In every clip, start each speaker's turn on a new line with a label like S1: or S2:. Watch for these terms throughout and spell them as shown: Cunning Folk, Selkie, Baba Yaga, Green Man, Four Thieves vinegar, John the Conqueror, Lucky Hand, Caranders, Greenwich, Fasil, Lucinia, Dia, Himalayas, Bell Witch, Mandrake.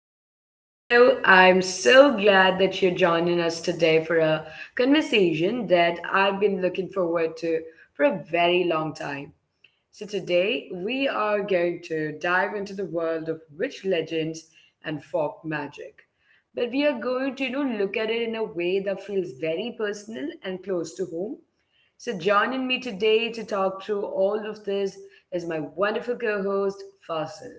S1: back to our show. I'm so glad that you're joining us today for a conversation that I've been looking forward to for a very long time. So today we are going to dive into the world of witch legends and folk magic. But we are going to look at it in a way that feels very personal and close to home. So, joining me today to talk through all of this is my wonderful co host, Fasil.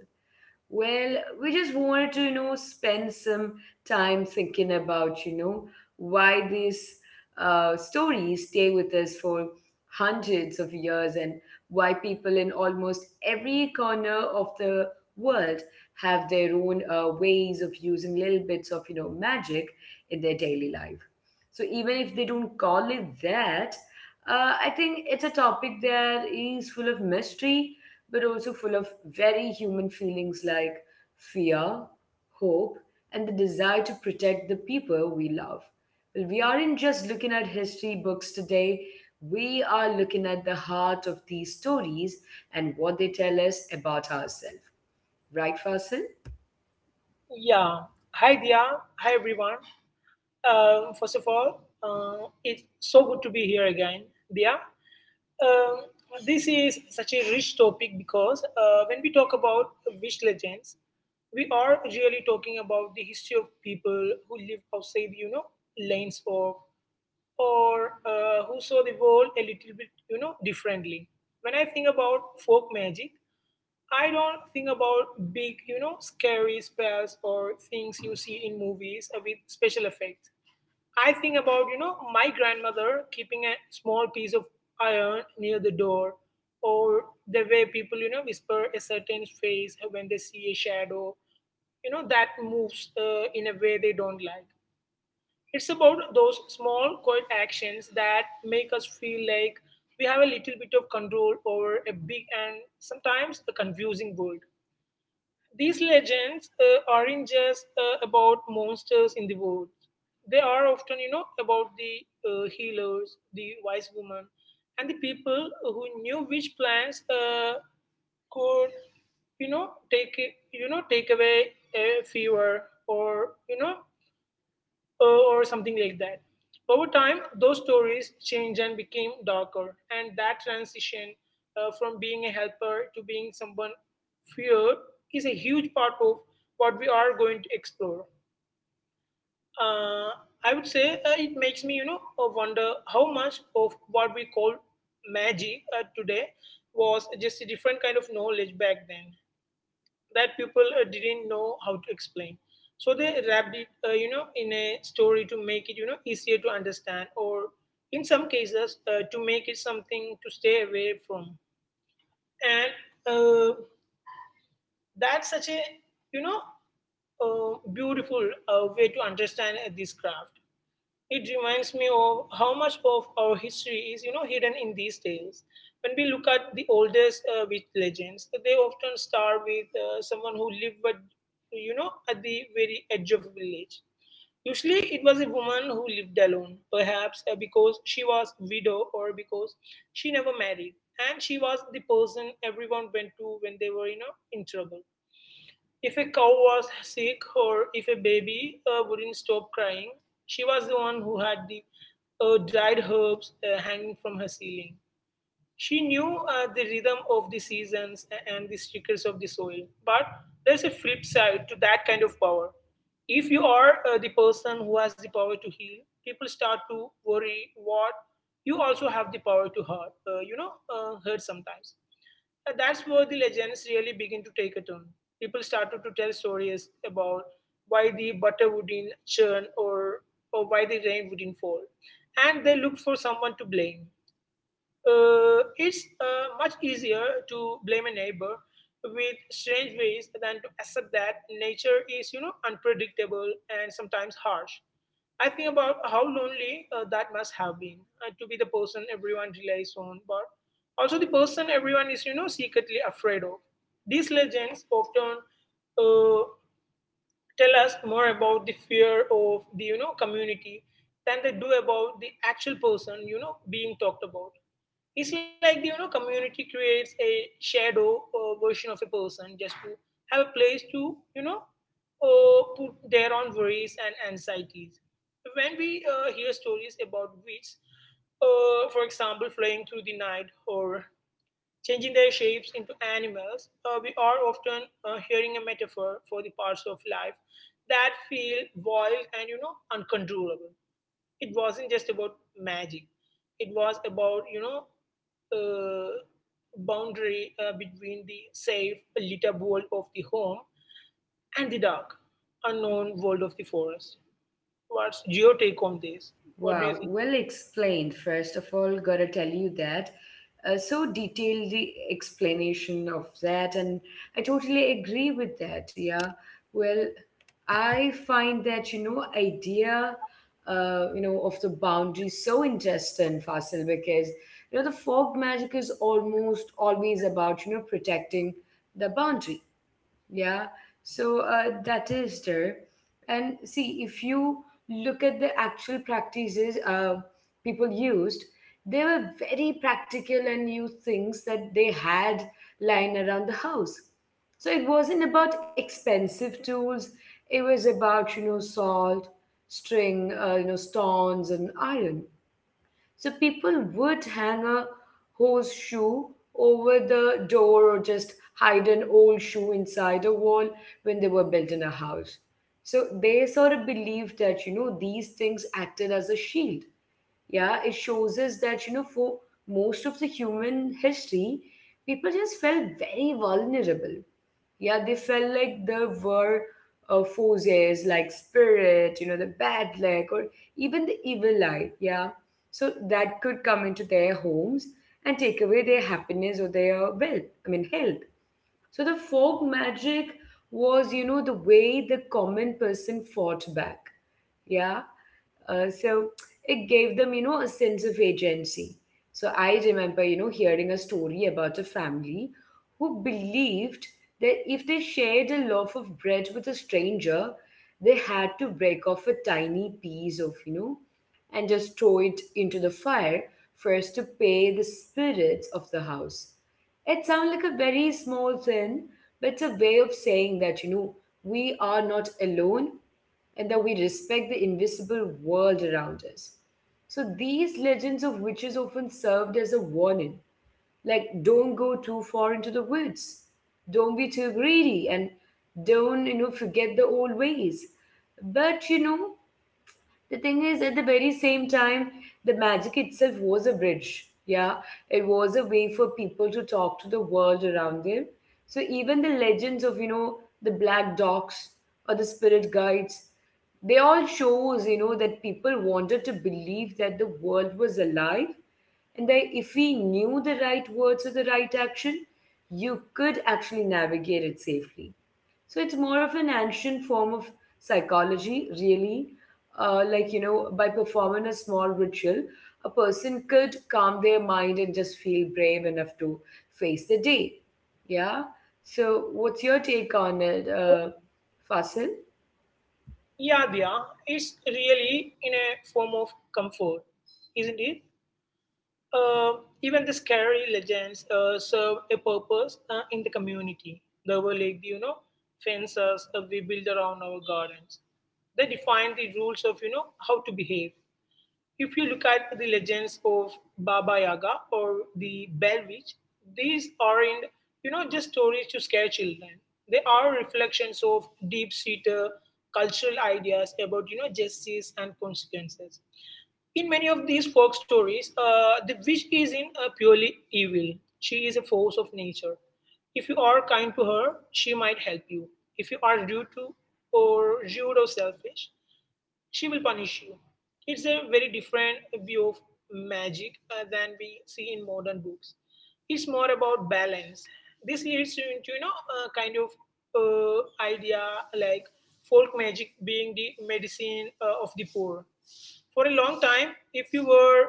S1: Well, we just wanted to spend some time thinking about why these stories stay with us for hundreds of years, and why people in almost every corner of the world have their own ways of using little bits of magic in their daily life. So even if they don't call it that, I think it's a topic that is full of mystery but also full of very human feelings like fear, hope, and the desire to protect the people we love. Well, we aren't just looking at history books today, we are looking at the heart of these stories and what they tell us about ourselves. Right, Fasil?
S2: Yeah. Hi, Dia. Hi, everyone. First of all, it's so good to be here again, Dia. Um, this is such a rich topic because when we talk about wish legends, we are really talking about the history of people who live outside, you know, lanes of or who saw the world a little bit, you know, differently. When I think about folk magic, I don't think about big, you know, scary spells or things you see in movies with special effects. I think about, you know, my grandmother keeping a small piece of iron near the door, or the way people, you know, whisper a certain phrase when they see a shadow, you know, that moves in a way they don't like. It's about those small, quiet actions that make us feel like we have a little bit of control over a big and sometimes a confusing world. These legends aren't just about monsters in the woods. They are often, you know, about the healers, the wise woman, and the people who knew which plants could, you know, take away a fever or or something like that. Over time, those stories changed and became darker, and that transition from being a helper to being someone feared is a huge part of what we are going to explore. Uh, I would say it makes me, you know, wonder how much of what we call magic today was just a different kind of knowledge back then that people didn't know how to explain. So they wrapped it, you know, in a story to make it, you know, easier to understand, or in some cases, to make it something to stay away from. And uh, that's such a, you know, beautiful way to understand this craft. It reminds me of how much of our history is, you know, hidden in these tales. When we look at the oldest witch legends, they often start with someone who lived, but you know, at the very edge of a village. Usually, it was a woman who lived alone, perhaps because she was widow or because she never married, and she was the person everyone went to when they were, you know, in trouble. If a cow was sick or if a baby wouldn't stop crying, she was the one who had the dried herbs hanging from her ceiling. She knew the rhythm of the seasons and the stickers of the soil. But there's a flip side to that kind of power. If you are the person who has the power to heal, people start to worry what you also have the power to hurt, hurt sometimes. That's where the legends really begin to take a turn. People started to tell stories about why the butter wouldn't churn or why the rain wouldn't fall. And they look for someone to blame. It's much easier to blame a neighbor with strange ways than to accept that nature is, you know, unpredictable and sometimes harsh. I think about how lonely that must have been to be the person everyone relies on, but also the person everyone is, you know, secretly afraid of. These legends often uh, tell us more about the fear of the, you know, community than they do about the actual person, you know, being talked about. It's like the you know community creates a shadow version of a person just to have a place to you know put their own worries and anxieties. When we hear stories about witches, for example, flying through the night or changing their shapes into animals, we are often hearing a metaphor for the parts of life that feel wild and you know uncontrollable. It wasn't just about magic, it was about you know uh, boundary between the safe lit up world of the home and the dark unknown world of the forest. What's your take on this? What do you
S1: Wow,
S2: think?
S1: well explained. First of all, gotta tell you that. So detailed the explanation of that, and I totally agree with that. Yeah, well, I find that idea, of the boundary so interesting, Fasil, because the folk magic is almost always about protecting the boundary, yeah, so that is there. And see, if you look at the actual practices, people used, they were very practical and used things that they had lying around the house. So it wasn't about expensive tools, it was about salt, string, stones, and iron. So people would hang a horseshoe over the door, or just hide an old shoe inside a wall when they were built in a house. So they sort of believed that, you know, these things acted as a shield. Yeah, it shows us that, you know, for most of the human history, people just felt very vulnerable. Yeah, they felt like there were forces like spirit, you know, the bad luck, or even the evil eye. Yeah. So that could come into their homes and take away their happiness or their wealth, I mean, health. So the folk magic was, you know, the way the common person fought back. Yeah. So it gave them, you know, a sense of agency. So I remember, you know, hearing a story about a family who believed that if they shared a loaf of bread with a stranger, they had to break off a tiny piece of, you know, and just throw it into the fire first to pay the spirits of the house. It sounds like a very small thing, but it's a way of saying that, you know, we are not alone and that we respect the invisible world around us. So these legends of witches often served as a warning, like don't go too far into the woods, don't be too greedy, and don't forget the old ways. But you know, the thing is, at the very same time, the magic itself was a bridge. Yeah, it was a way for people to talk to the world around them. So even the legends of, you know, the black dogs or the spirit guides, they all shows, you know, that people wanted to believe that the world was alive, and that if we knew the right words or the right action, you could actually navigate it safely. So it's more of an ancient form of psychology, really. Like, you know, by performing a small ritual, a person could calm their mind and just feel brave enough to face the day. Yeah. So what's your take on it, Fasil?
S2: Yeah, it's really in a form of comfort, isn't it? Uh, even the scary legends serve a purpose in the community. They were like, the, you know, fences we build around our gardens. They define the rules of, you know, how to behave. If you look at the legends of Baba Yaga or the Bell Witch, these aren't, you know, just stories to scare children. They are reflections of deep-seated cultural ideas about, you know, justice and consequences. In many of these folk stories, the witch isn't purely evil. She is a force of nature. If you are kind to her, she might help you. If you are rude to or selfish, she will punish you. It's a very different view of magic than we see in modern books. It's more about balance. This leads you into you know a kind of idea like folk magic being the medicine of the poor. For a long time, if you were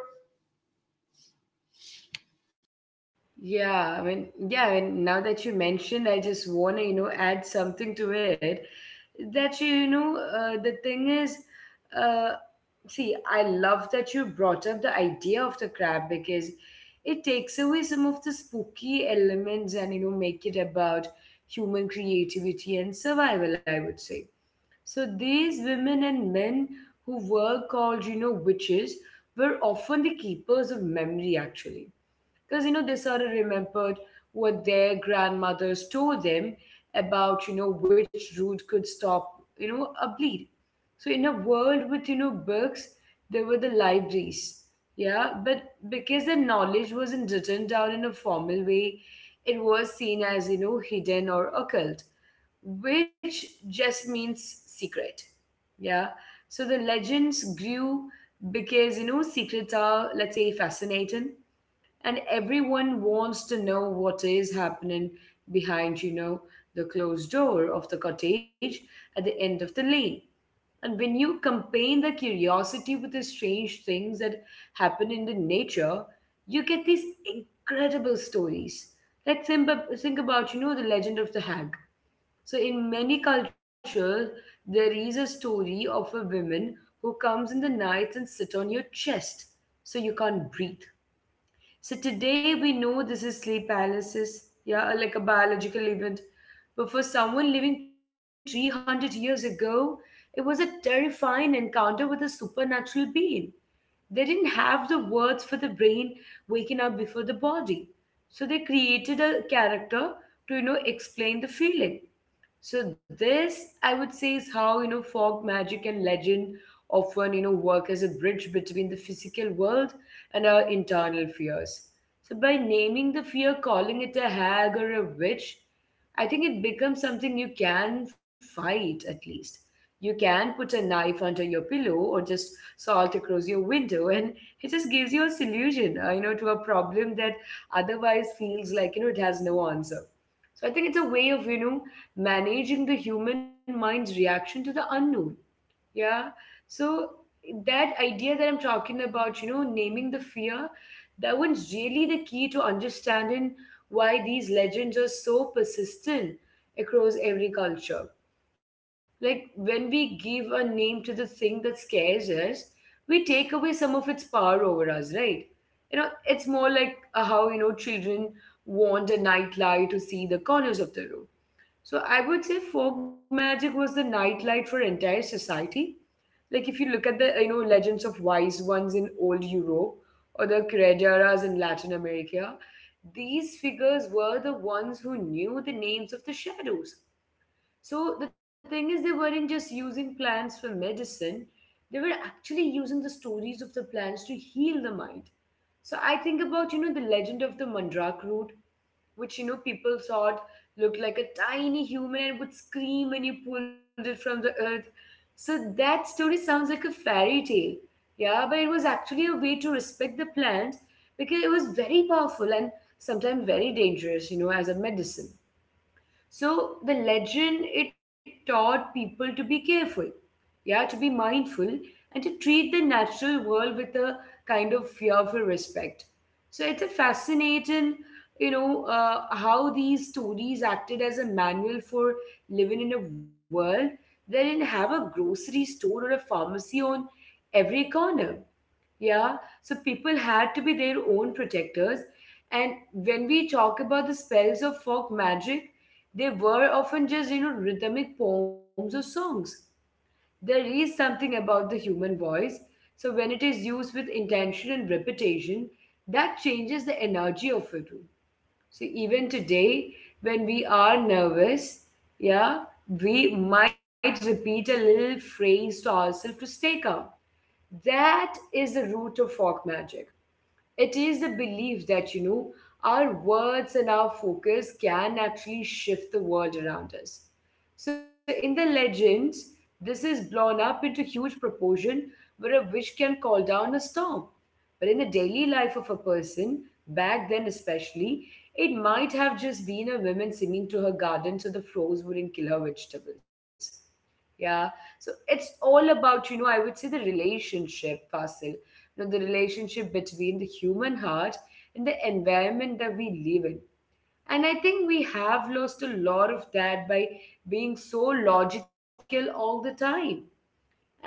S1: Yeah, I mean, yeah, and now that you mentioned, I just want to, you know, add something to it. That you know, the thing is, uh, see, I love that you brought up the idea of the crab, because it takes away some of the spooky elements and, you know, make it about human creativity and survival, I would say. So these women and men who were called, you know, witches were often the keepers of memory, actually, because you know they sort of remembered what their grandmothers told them about which route could stop a bleed. So in a world with books, there were the libraries, yeah, but because the knowledge wasn't written down in a formal way, it was seen as, you know, hidden or occult, which just means secret. Yeah. So the legends grew because, you know, secrets are, let's say, fascinating, and everyone wants to know what is happening behind, you know, the closed door of the cottage at the end of the lane. And when you combine the curiosity with the strange things that happen in the nature, you get these incredible stories. Like think about, you know, the legend of the hag. So in many cultures there is a story of a woman who comes in the night and sit on your chest so you can't breathe. So today we know this is sleep paralysis, yeah, or like a biological event. But for someone living 300 years ago, it was a terrifying encounter with a supernatural being. They didn't have the words for the brain waking up before the body. So they created a character to, you know, explain the feeling. So this, I would say, is how, you know, folk magic and legend often, you know, work as a bridge between the physical world and our internal fears. So by naming the fear, calling it a hag or a witch, I think it becomes something you can fight at least. You can put a knife under your pillow or just salt across your window, and it just gives you a solution, you know, to a problem that otherwise feels like, you know, it has no answer. So I think it's a way of, you know, managing the human mind's reaction to the unknown. Yeah. So that idea that I'm talking about, you know, naming the fear, that one's really the key to understanding why these legends are so persistent across every culture. Like when we give a name to the thing that scares us, we take away some of its power over us, right? You know, it's more like how, you know, children want a nightlight to see the corners of the room. So I would say folk magic was the nightlight for entire society. Like if you look at the, you know, legends of wise ones in old Europe or the creduras in Latin America, these figures were the ones who knew the names of the shadows. So the thing is, they weren't just using plants for medicine, they were actually using the stories of the plants to heal the mind. So I think about, you know, the legend of the mandrake root, which, you know, people thought looked like a tiny human and would scream when you pulled it from the earth. So that story sounds like a fairy tale. Yeah, but it was actually a way to respect the plant, because it was very powerful and sometimes very dangerous, you know, as a medicine. So the legend it taught people to be careful, yeah, to be mindful, and to treat the natural world with a kind of fearful respect. So it's a fascinating, you know, how these stories acted as a manual for living in a world that didn't have a grocery store or a pharmacy on every corner. Yeah, so people had to be their own protectors. And when we talk about the spells of folk magic, they were often just, you know, rhythmic poems or songs. There is something about the human voice. So when it is used with intention and repetition, that changes the energy of it. So even today, when we are nervous, yeah, we might repeat a little phrase to ourselves to stay calm. That is the root of folk magic. It is the belief that, you know, our words and our focus can actually shift the world around us. So in the legends, this is blown up into huge proportion where a witch can call down a storm. But in the daily life of a person, back then especially, it might have just been a woman singing to her garden so the frogs wouldn't kill her vegetables. Yeah. So it's all about, you know, I would say the relationship, Fasil. You know, the relationship between the human heart and the environment that we live in. And I think we have lost a lot of that by being so logical all the time. And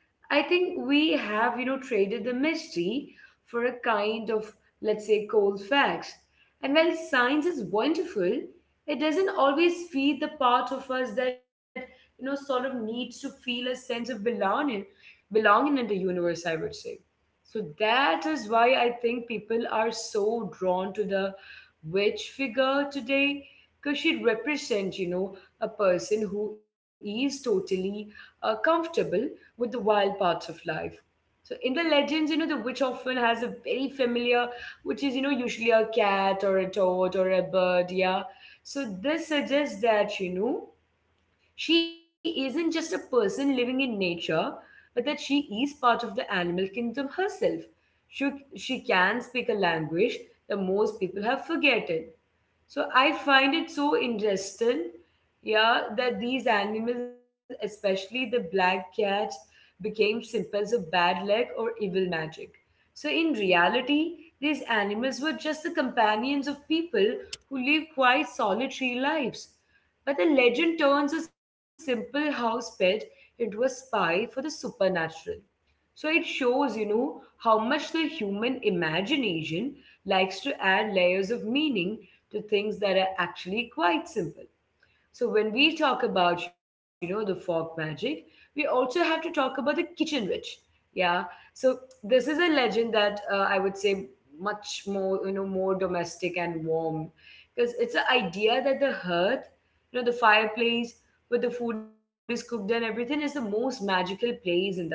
S1: I think we have, traded the mystery for a kind of, let's say, cold facts. And while science is wonderful, it doesn't always feed the part of us that, sort of needs to feel a sense of belonging, belonging in the universe, I would say. So that is why I think people are so drawn to the witch figure today, because she represents, a person who is totally comfortable with the wild parts of life. So in the legends, the witch often has a very familiar, which is, usually a cat or a toad or a bird, yeah. So this suggests that, she isn't just a person living in nature, but that she is part of the animal kingdom herself. She, she can speak a language that most people have forgotten. So I find it so interesting, yeah, that these animals, especially the black cat, became symbols of bad luck or evil magic. So in reality, these animals were just the companions of people who live quite solitary lives. But the legend turns a simple house pet into a spy for the supernatural. So it shows, how much the human imagination likes to add layers of meaning to things that are actually quite simple. So when we talk about, the folk magic, we also have to talk about the kitchen witch. Yeah. So this is a legend that I would say much more, more domestic and warm because it's the idea that the hearth, the fireplace where the food is cooked and everything is the most magical place in the house.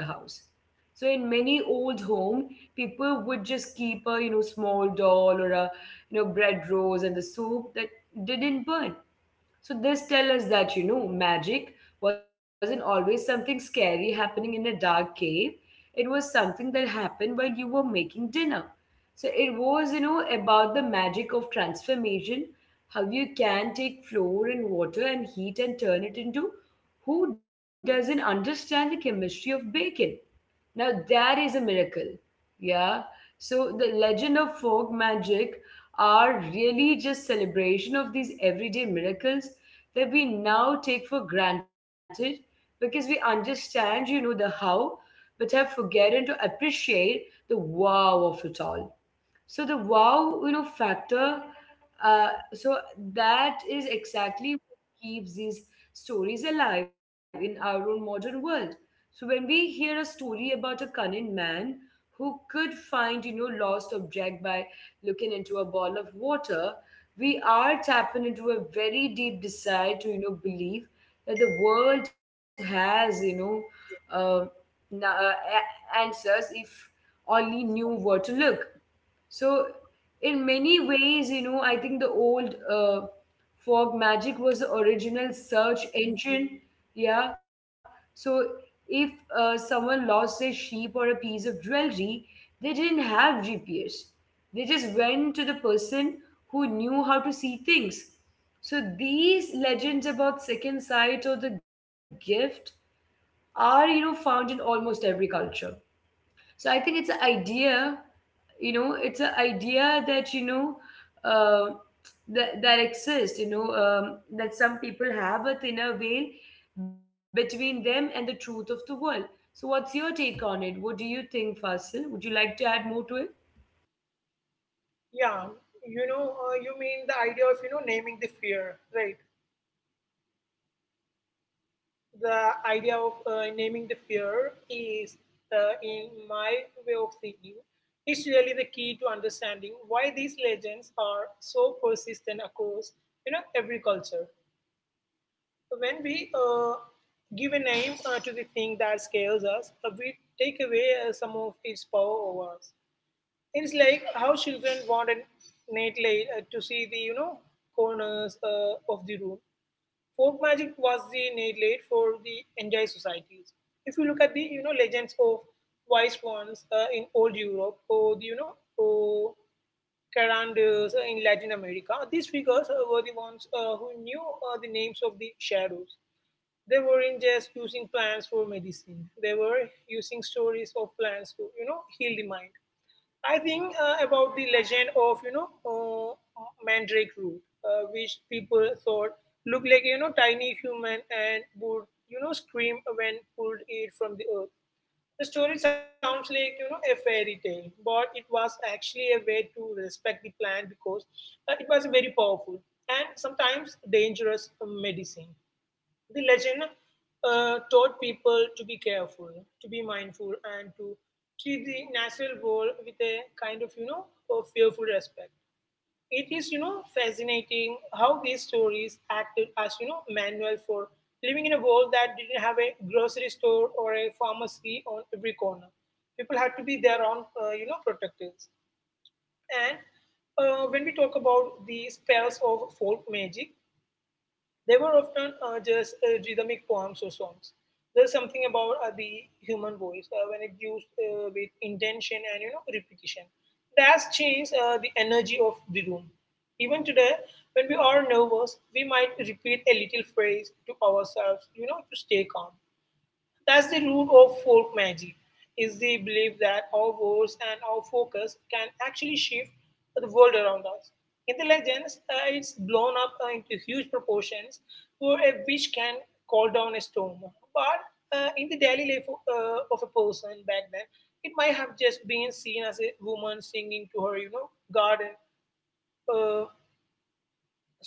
S1: So in many old home, people would just keep a small doll or a bread rolls and the soup that didn't burn. So this tell us that magic wasn't always something scary happening in a dark cave. It was something that happened while you were making dinner. So it was about the magic of transformation, how you can take flour and water and heat and turn it into who doesn't understand the chemistry of bacon. Now, that is a miracle. Yeah. So, the legend of folk magic are really just celebration of these everyday miracles that we now take for granted because we understand, the how, but have forgotten to appreciate the wow of it all. So the wow factor, so that is exactly what keeps these stories alive in our own modern world. So when we hear a story about a cunning man who could find, lost object by looking into a ball of water, we are tapping into a very deep desire to, believe that the world has, uh, na- uh, answers if only knew where to look. So, in many ways, I think the old fog magic was the original search engine. Yeah. So, if someone lost a sheep or a piece of jewelry, they didn't have GPS. They just went to the person who knew how to see things. So, these legends about second sight or the gift are, found in almost every culture. So, I think it's an idea that, uh, that exists, that some people have a thinner veil between them and the truth of the world. So what's your take on it? What do you think, Fasil? Would you like to add more to it?
S2: yeah, you know, you mean the idea of you know naming the fear, right? The idea of naming the fear is, in my way of thinking, is really the key to understanding why these legends are so persistent across you know every culture. When we give a name to the thing that scares us, we take away some of its power over us. It's like how children want a nightlight to see the you know corners of the room. Folk magic was the nail for the entire societies. If you look at the you know legends of wise ones in old Europe or the, you know or Caranders in Latin America, these figures were the ones who knew the names of the shadows. They weren't just using plants for medicine; they were using stories of plants to you know heal the mind. I think about the legend of Mandrake root, which people thought looked like you know tiny human and would you know scream when pulled it from the earth. The story sounds like you know a fairy tale, but it was actually a way to respect the plant because it was a very powerful and sometimes dangerous medicine. The legend taught people to be careful, to be mindful, and to treat the natural world with a kind of, you know, of fearful respect. It is, you know, fascinating how these stories acted as, you know, manual for living in a world that didn't have a grocery store or a pharmacy on every corner. People had to be their own, you know, protectors. And when we talk about the spells of folk magic, they were often just rhythmic poems or songs. There's something about the human voice when it used with intention and you know repetition. That's changed the energy of the room. Even today, when we are nervous, we might repeat a little phrase to ourselves, you know, to stay calm. That's the root of folk magic, is the belief that our words and our focus can actually shift the world around us. In the legends, it's blown up into huge proportions where a witch can call down a storm. But in the daily life of a person back then, it might have just been seen as a woman singing to her, you know, garden uh,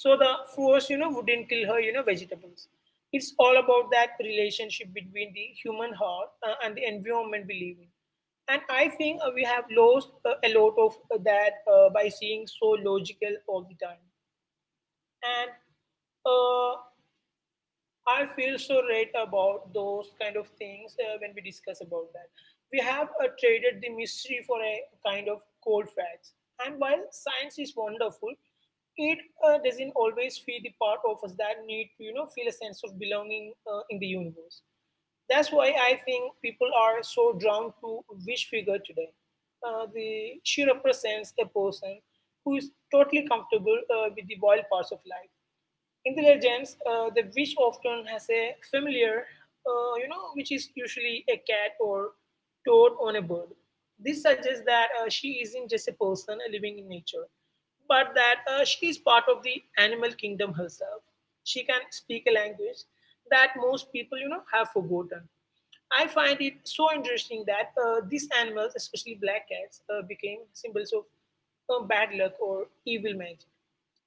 S2: so the force you know wouldn't kill her you know vegetables. It's all about that relationship between the human heart and the environment we live in. And I think we have lost a lot of that by seeing so logical all the time. And uh, I feel so right about those kind of things when we discuss about that. We have traded the mystery for a kind of cold facts. And while science is wonderful, it doesn't always feel the part of us that need to, you know, feel a sense of belonging in the universe. That's why I think people are so drawn to which figure today. The she represents a person who is totally comfortable with the wild parts of life. Intelligence, the witch often has a familiar, you know, which is usually a cat or toad on a bird. This suggests that she isn't just a person living in nature, but that she is part of the animal kingdom herself. She can speak a language that most people, you know, have forgotten. I find it so interesting that these animals, especially black cats, became symbols of bad luck or evil magic.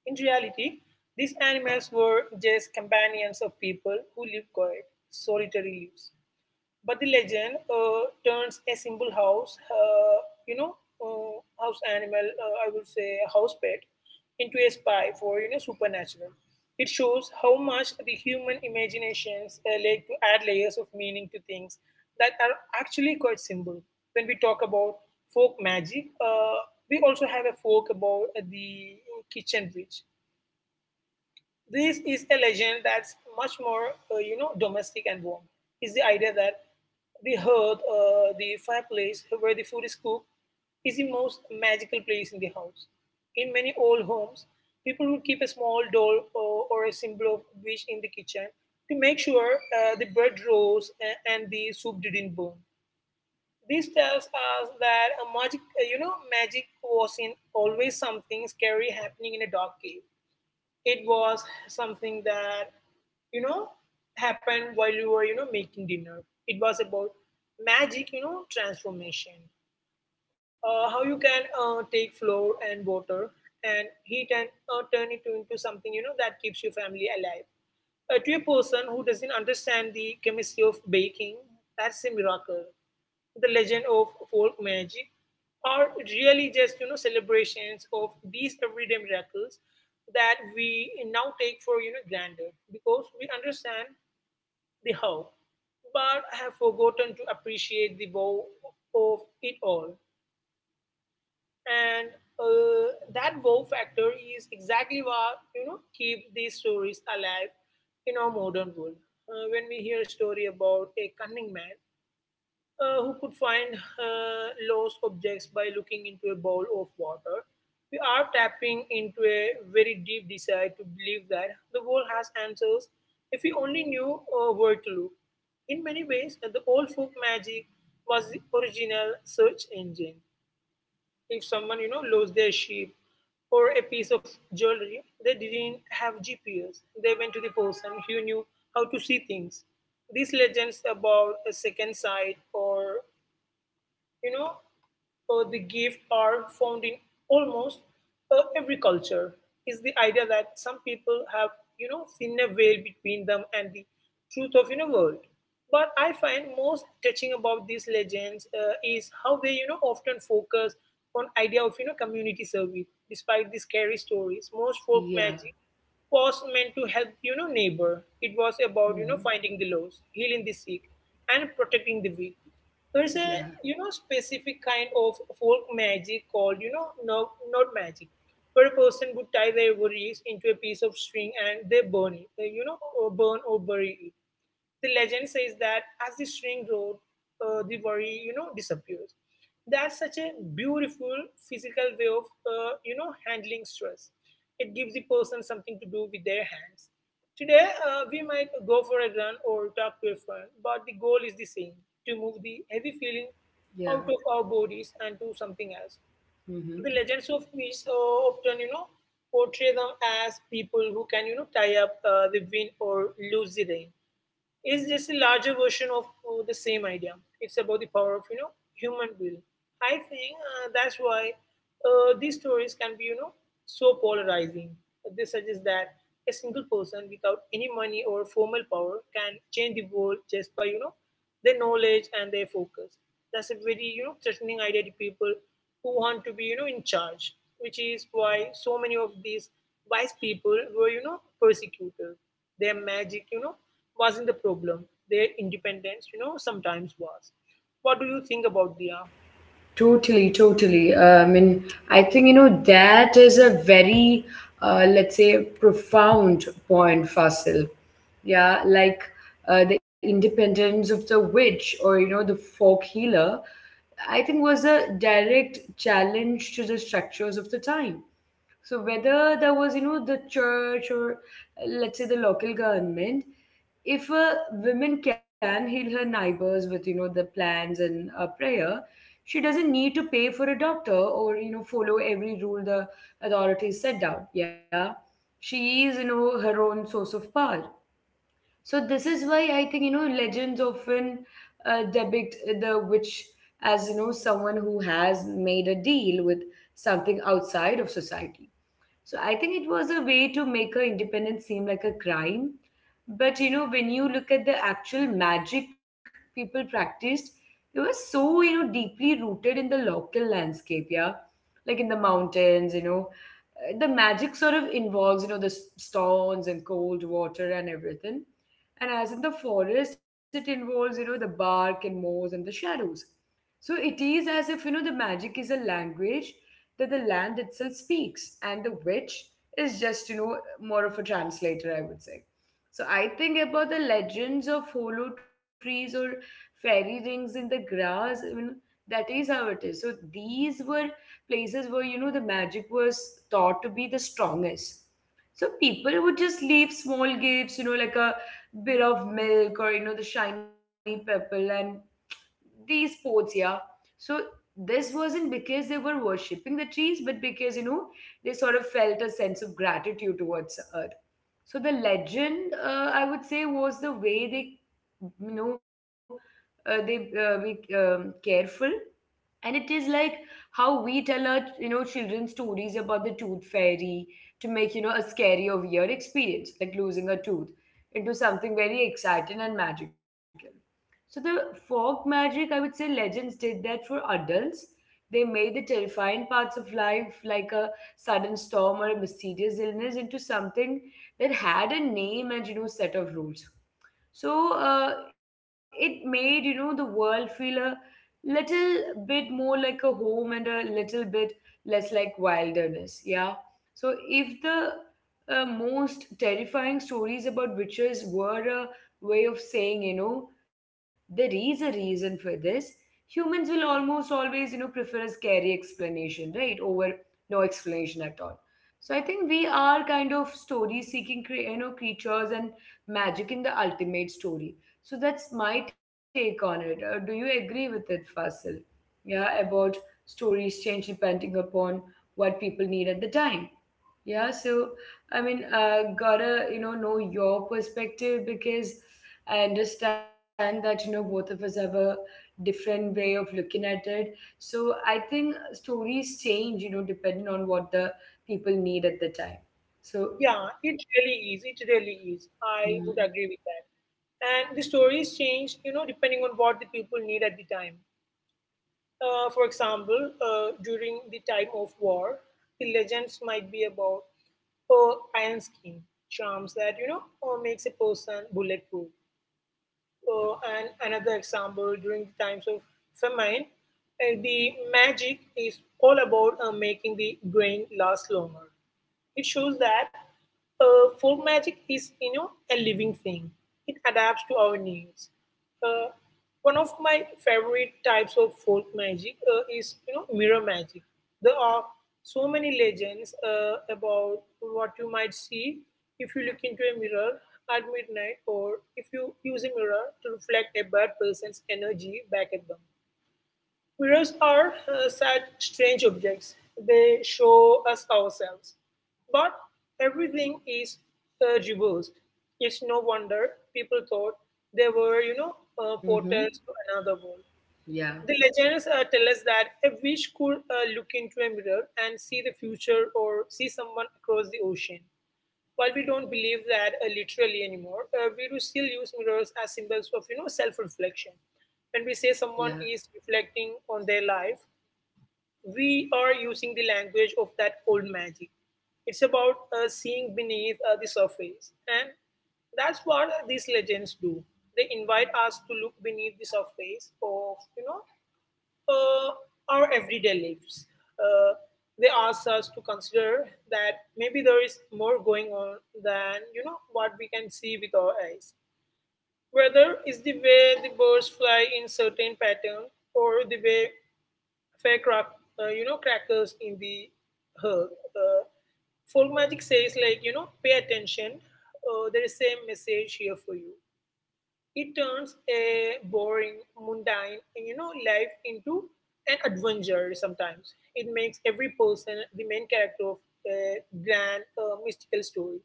S2: In reality, these animals were just companions of people who live quiet, solitary lives. But the legend turns a simple you know, house animal, I would say a house pet, into a spy for supernatural. It shows how much the human imaginations like to add layers of meaning to things that are actually quite simple. When we talk about folk magic, we also have a folk about the kitchen witch, this is a legend that's much more, domestic and warm. It's the idea that the hearth, the fireplace where the food is cooked, is the most magical place in the house. In many old homes, people would keep a small doll or a symbol of wish in the kitchen to make sure the bread rose and the soup didn't burn. This tells us that a magic, you know, magic wasn't always something scary happening in a dark cave. It was something that, you know, happened while you were, making dinner. It was about magic, transformation how you can take flour and water and heat and turn it into something that keeps your family alive. To a person who doesn't understand the chemistry of baking, that's a miracle. The legend of folk magic are really just celebrations of these everyday miracles that we now take for granted because we understand the how, but have forgotten to appreciate the wow of it all and that wow factor is exactly what keeps these stories alive in our modern world. When we hear a story about a cunning man who could find lost objects by looking into a bowl of water, we are tapping into a very deep desire to believe that the world has answers if we only knew where to look. In many ways, the old folk magic was the original search engine if someone, lost their sheep or a piece of jewelry, they didn't have GPS. They went to the person who knew how to see things. These legends about a second sight or you know, the gift are found in almost every culture is the idea that some people have thinner veil between them and the truth of world but I find most touching about these legends is how they often focus on idea of community service despite the scary stories most folk
S1: Yeah.
S2: magic was meant to help neighbor it was about
S1: Hmm.
S2: finding the lost healing the sick and protecting the weak there's a
S1: Yeah.
S2: specific kind of folk magic called no, not magic where a person would tie their worries into a piece of string and they burn it they, or burn or bury it the legend says that as the string rode, the worry, disappears. That's such a beautiful physical way of, handling stress. It gives the person something to do with their hands. Today, we might go for a run or talk to a friend, but the goal is the same to move the heavy feeling out
S1: Yeah.
S2: of our bodies and to something else. The
S1: Hmm.
S2: legends of which portray them as people who can, tie up the wind or lose the rain is just a larger version of the same idea. It's about the power of human will. I think that's why these stories can be so polarizing. They suggest that a single person without any money or formal power can change the world just by their knowledge and their focus. That's a very threatening idea to people who want to be in charge, which is why so many of these wise people were persecuted. Their magic wasn't the problem. Their independence sometimes was. What do you think about Dia?
S1: Totally, totally. I mean, I think, that is a very, let's say, profound point, Fasil. Yeah, like the independence of the witch or, the folk healer, I think was a direct challenge to the structures of the time. So whether there was, the church or let's say the local government, if a woman can heal her neighbors with, the plans and prayer, she doesn't need to pay for a doctor or, follow every rule the authorities set down. Yeah. She is, her own source of power. So this is why I think, legends often depict the witch as, someone who has made a deal with something outside of society. So I think it was a way to make her independence seem like a crime. But, when you look at the actual magic people practiced, it was so, deeply rooted in the local landscape, yeah. Like in the mountains, you know. The magic sort of involves, the stones and cold water and everything. And as in the forest, it involves, the bark and moss and the shadows. So it is as if, the magic is a language that the land itself speaks and the witch is just, more of a translator, I would say. So I think about the legends of hollow trees or fairy rings in the grass. I mean, that is how it is. So these were places where, the magic was thought to be the strongest. So people would just leave small gifts, like a bit of milk or, the shiny pebble, and these sports, yeah. So this wasn't because they were worshipping the trees, but because, they sort of felt a sense of gratitude towards earth. So the legend, I would say, was the way they you know they be careful. And it is like how we tell our, children stories about the tooth fairy to make, a scary or weird experience like losing a tooth into something very exciting and magical. So the folk magic, I would say, legends did that for adults. They made the terrifying parts of life like a sudden storm or a mysterious illness into something that had a name and, set of rules. So it made, the world feel a little bit more like a home and a little bit less like wilderness, yeah. So if the, most terrifying stories about witches were a way of saying, there is a reason for this. Humans will almost always, prefer a scary explanation, right, over no explanation at all. So I think we are kind of story seeking creatures and magic in the ultimate story. So that's my take on it. Do you agree with it, Fasil? Yeah, about stories change depending upon what people need at the time. Yeah, so I mean, gotta know your perspective because I understand that, both of us have a different way of looking at it. So I think stories change, depending on what the people need at the time. So,
S2: Yeah, it really is. It really is. I would agree with that and the stories change depending on what the people need at the time. For example, during the time of war, the legends might be about iron skin charms that makes a person bulletproof. And another example during the times of famine, the magic is all about making the grain last longer. It shows that folk magic is a living thing. It adapts to our needs. Uh, one of my favorite types of folk magic is mirror magic. There are so many legends about what you might see if you look into a mirror at midnight or if you use a mirror to reflect a bad person's energy back at them. Mirrors are such strange objects. They show us ourselves. But everything is reversed. It's no wonder people thought they were,
S1: mm-hmm.
S2: portals to another world.
S1: Yeah,
S2: The legends tell us that a witch could look into a mirror and see the future or see someone across the ocean. While we don't believe that literally anymore, we do still use mirrors as symbols of self-reflection. When we say someone
S1: yeah,
S2: is reflecting on their life, we are using the language of that old magic. It's about seeing beneath the surface, and that's what these legends do. They invite us to look beneath the surface of uh, our everyday lives. Uh, they ask us to consider that maybe there is more going on than what we can see with our eyes. Whether it's the way the birds fly in certain pattern or the way fair crack, crackers in the herb. Uh, folk magic says like pay attention. There is same message here for you. It turns a boring, mundane, life into an adventure sometimes. It makes every person the main character of a grand mystical story.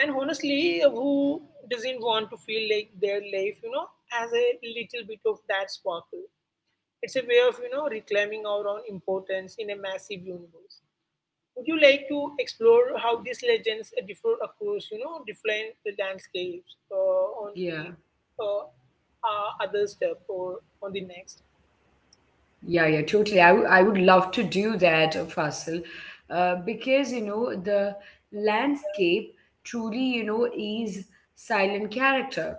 S2: And honestly, who doesn't want to feel like their life, has a little bit of that sparkle? It's a way of, reclaiming our own importance in a massive universe. Would you like to explore how these legends differ across, different landscapes on
S1: yeah.
S2: the uh, other step or on the next?
S1: Yeah, yeah, totally. I would love to do that, Faisal, because, the landscape truly, is silent character.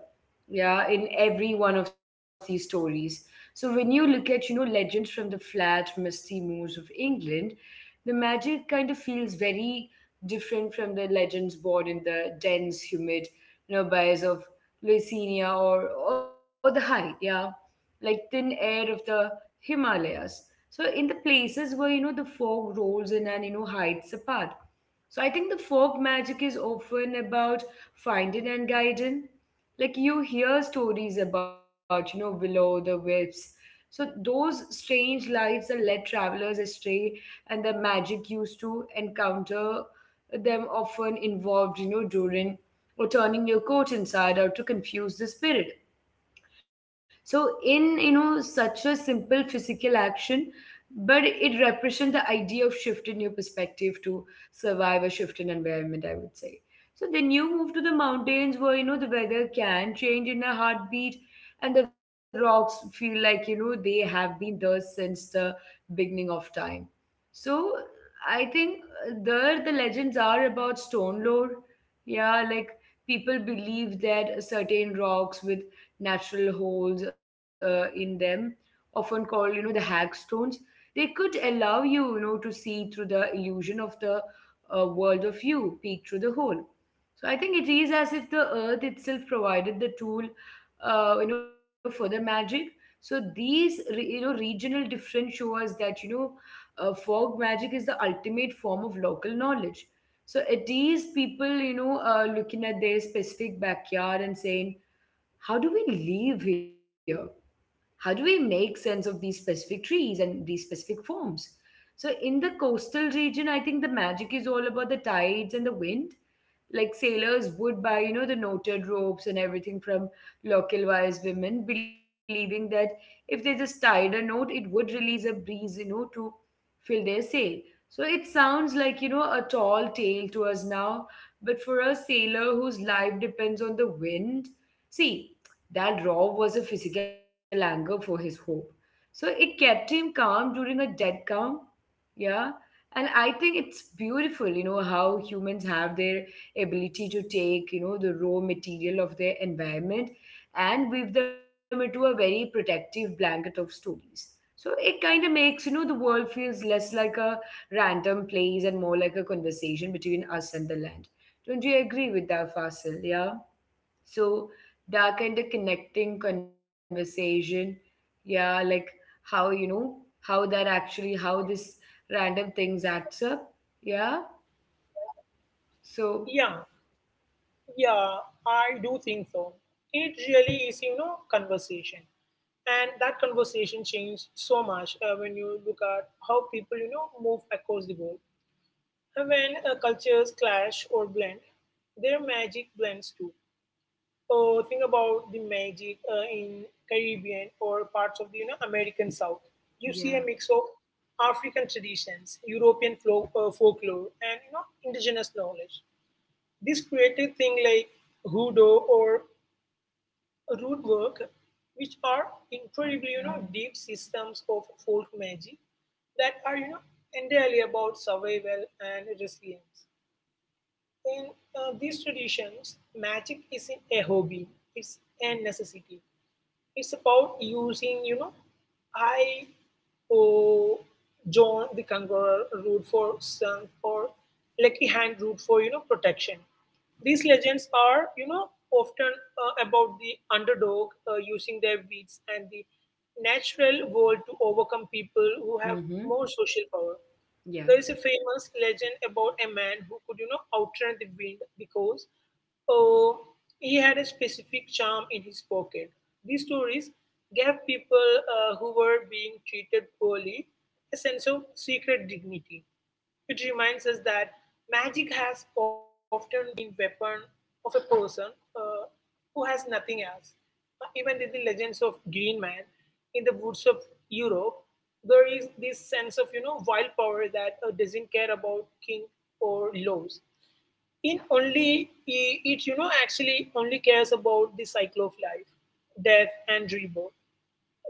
S1: Yeah, in every one of these stories. So when you look at, legends from the flat, misty moors of England, the magic kind of feels very different from the legends born in the dense, humid, bays of Lucinia, or the high, yeah, like thin air of the Himalayas. So in the places where, the fog rolls in and, hides the path. So I think the folk magic is often about finding and guiding. Like you hear stories about, below the whips. So those strange lives that led travelers astray, and the magic used to encounter them often involved, during or turning your coat inside out to confuse the spirit. So in, such a simple physical action, but it represents the idea of shift in your perspective to survive a shift in environment, I would say. So then you move to the mountains where, the weather can change in a heartbeat and the rocks feel like, they have been there since the beginning of time. So I think there the legends are about stone lore. Yeah, like people believe that certain rocks with natural holes in them, often called, the hag. They could allow you, to see through the illusion of the world of you, peek through the hole. So I think it is as if the earth itself provided the tool, for the magic. So these, regional difference show us that, fog magic is the ultimate form of local knowledge. So it is people, looking at their specific backyard and saying, how do we live here? How do we make sense of these specific trees and these specific forms? So, in the coastal region, I think the magic is all about the tides and the wind. Like sailors would buy, you know, the knotted ropes and everything from local wise women, believing that if they just tied a knot, it would release a breeze, you know, to fill their sail. So it sounds like, you know, a tall tale to us now, but for a sailor whose life depends on the wind, see, that raw was a physical anger for his hope. So it kept him calm during a dead calm. Yeah. And I think it's beautiful, you know, how humans have their ability to take, you know, the raw material of their environment and weave them into a very protective blanket of stories. So it kind of makes, you know, the world feels less like a random place and more like a conversation between us and the land. Don't you agree with that, Fasil? Yeah. So that kind of connecting conversation, yeah, like how you know how that actually how this random things acts up, yeah. So
S2: Yeah, yeah, I do think so. It really is, conversation, and that conversation changed so much when you look at how people, move across the world. And when cultures clash or blend, their magic blends too. Think about the magic in Caribbean or parts of the American South. You see a
S1: yeah,
S2: mix of African traditions, European folk, folklore, and indigenous knowledge. This created things like hoodoo or root work, which are incredibly deep systems of folk magic that are entirely about survival and resilience. In these traditions, magic isn't a hobby; it's a necessity. It's about using, I or John the Conqueror root for strength or Lucky Hand root for, protection. These legends are, often about the underdog using their wits and the natural world to overcome people who have
S1: mm-hmm,
S2: more social power.
S1: yeah,
S2: There is a famous legend about a man who could, outrun the wind because oh, he had a specific charm in his pocket. These stories gave people who were being treated poorly a sense of secret dignity. It reminds us that magic has often been weapon of a person uh, who has nothing else. Even in the legends of Green Man in the woods of Europe, there is this sense of wild power that doesn't care about king or laws, it only it actually only cares about the cycle of life, death, and rebirth.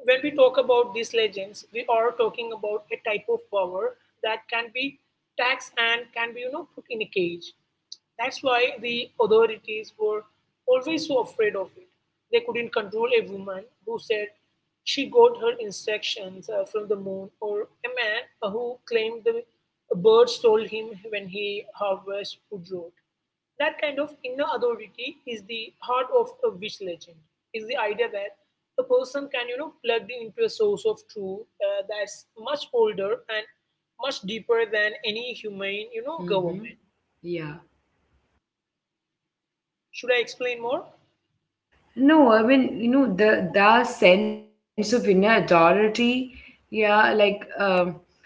S2: When we talk about these legends, we are talking about a type of power that can be taxed and can be put in a cage. That's why the authorities were always so afraid of it. They couldn't control a woman who said she got her instructions from the moon or a man who claimed the bird stole him when he harvested wood rot. That kind of inner authority is the heart of a witch legend. Is the idea that a person can, plug into a source of truth that's much older and much deeper than any humane,
S1: mm-hmm,
S2: government.
S1: yeah.
S2: Should I explain more?
S1: No, I mean you know the sense of inner authority, yeah, like um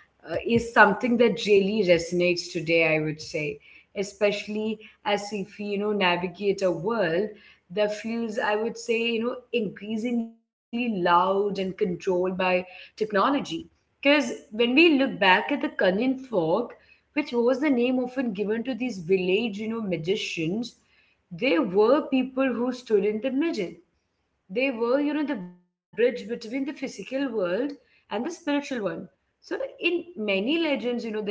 S1: uh, is something that really resonates today, I would say, especially as if we, you know, navigate a world that feels, I would say, you know, increasingly loud and controlled by technology. Because when we look back at the Cunning Folk, which was the name often given to these village, you know, magicians, they were people who stood in the middle. They were, you know, the bridge between the physical world and the spiritual one. So in many legends, you know, the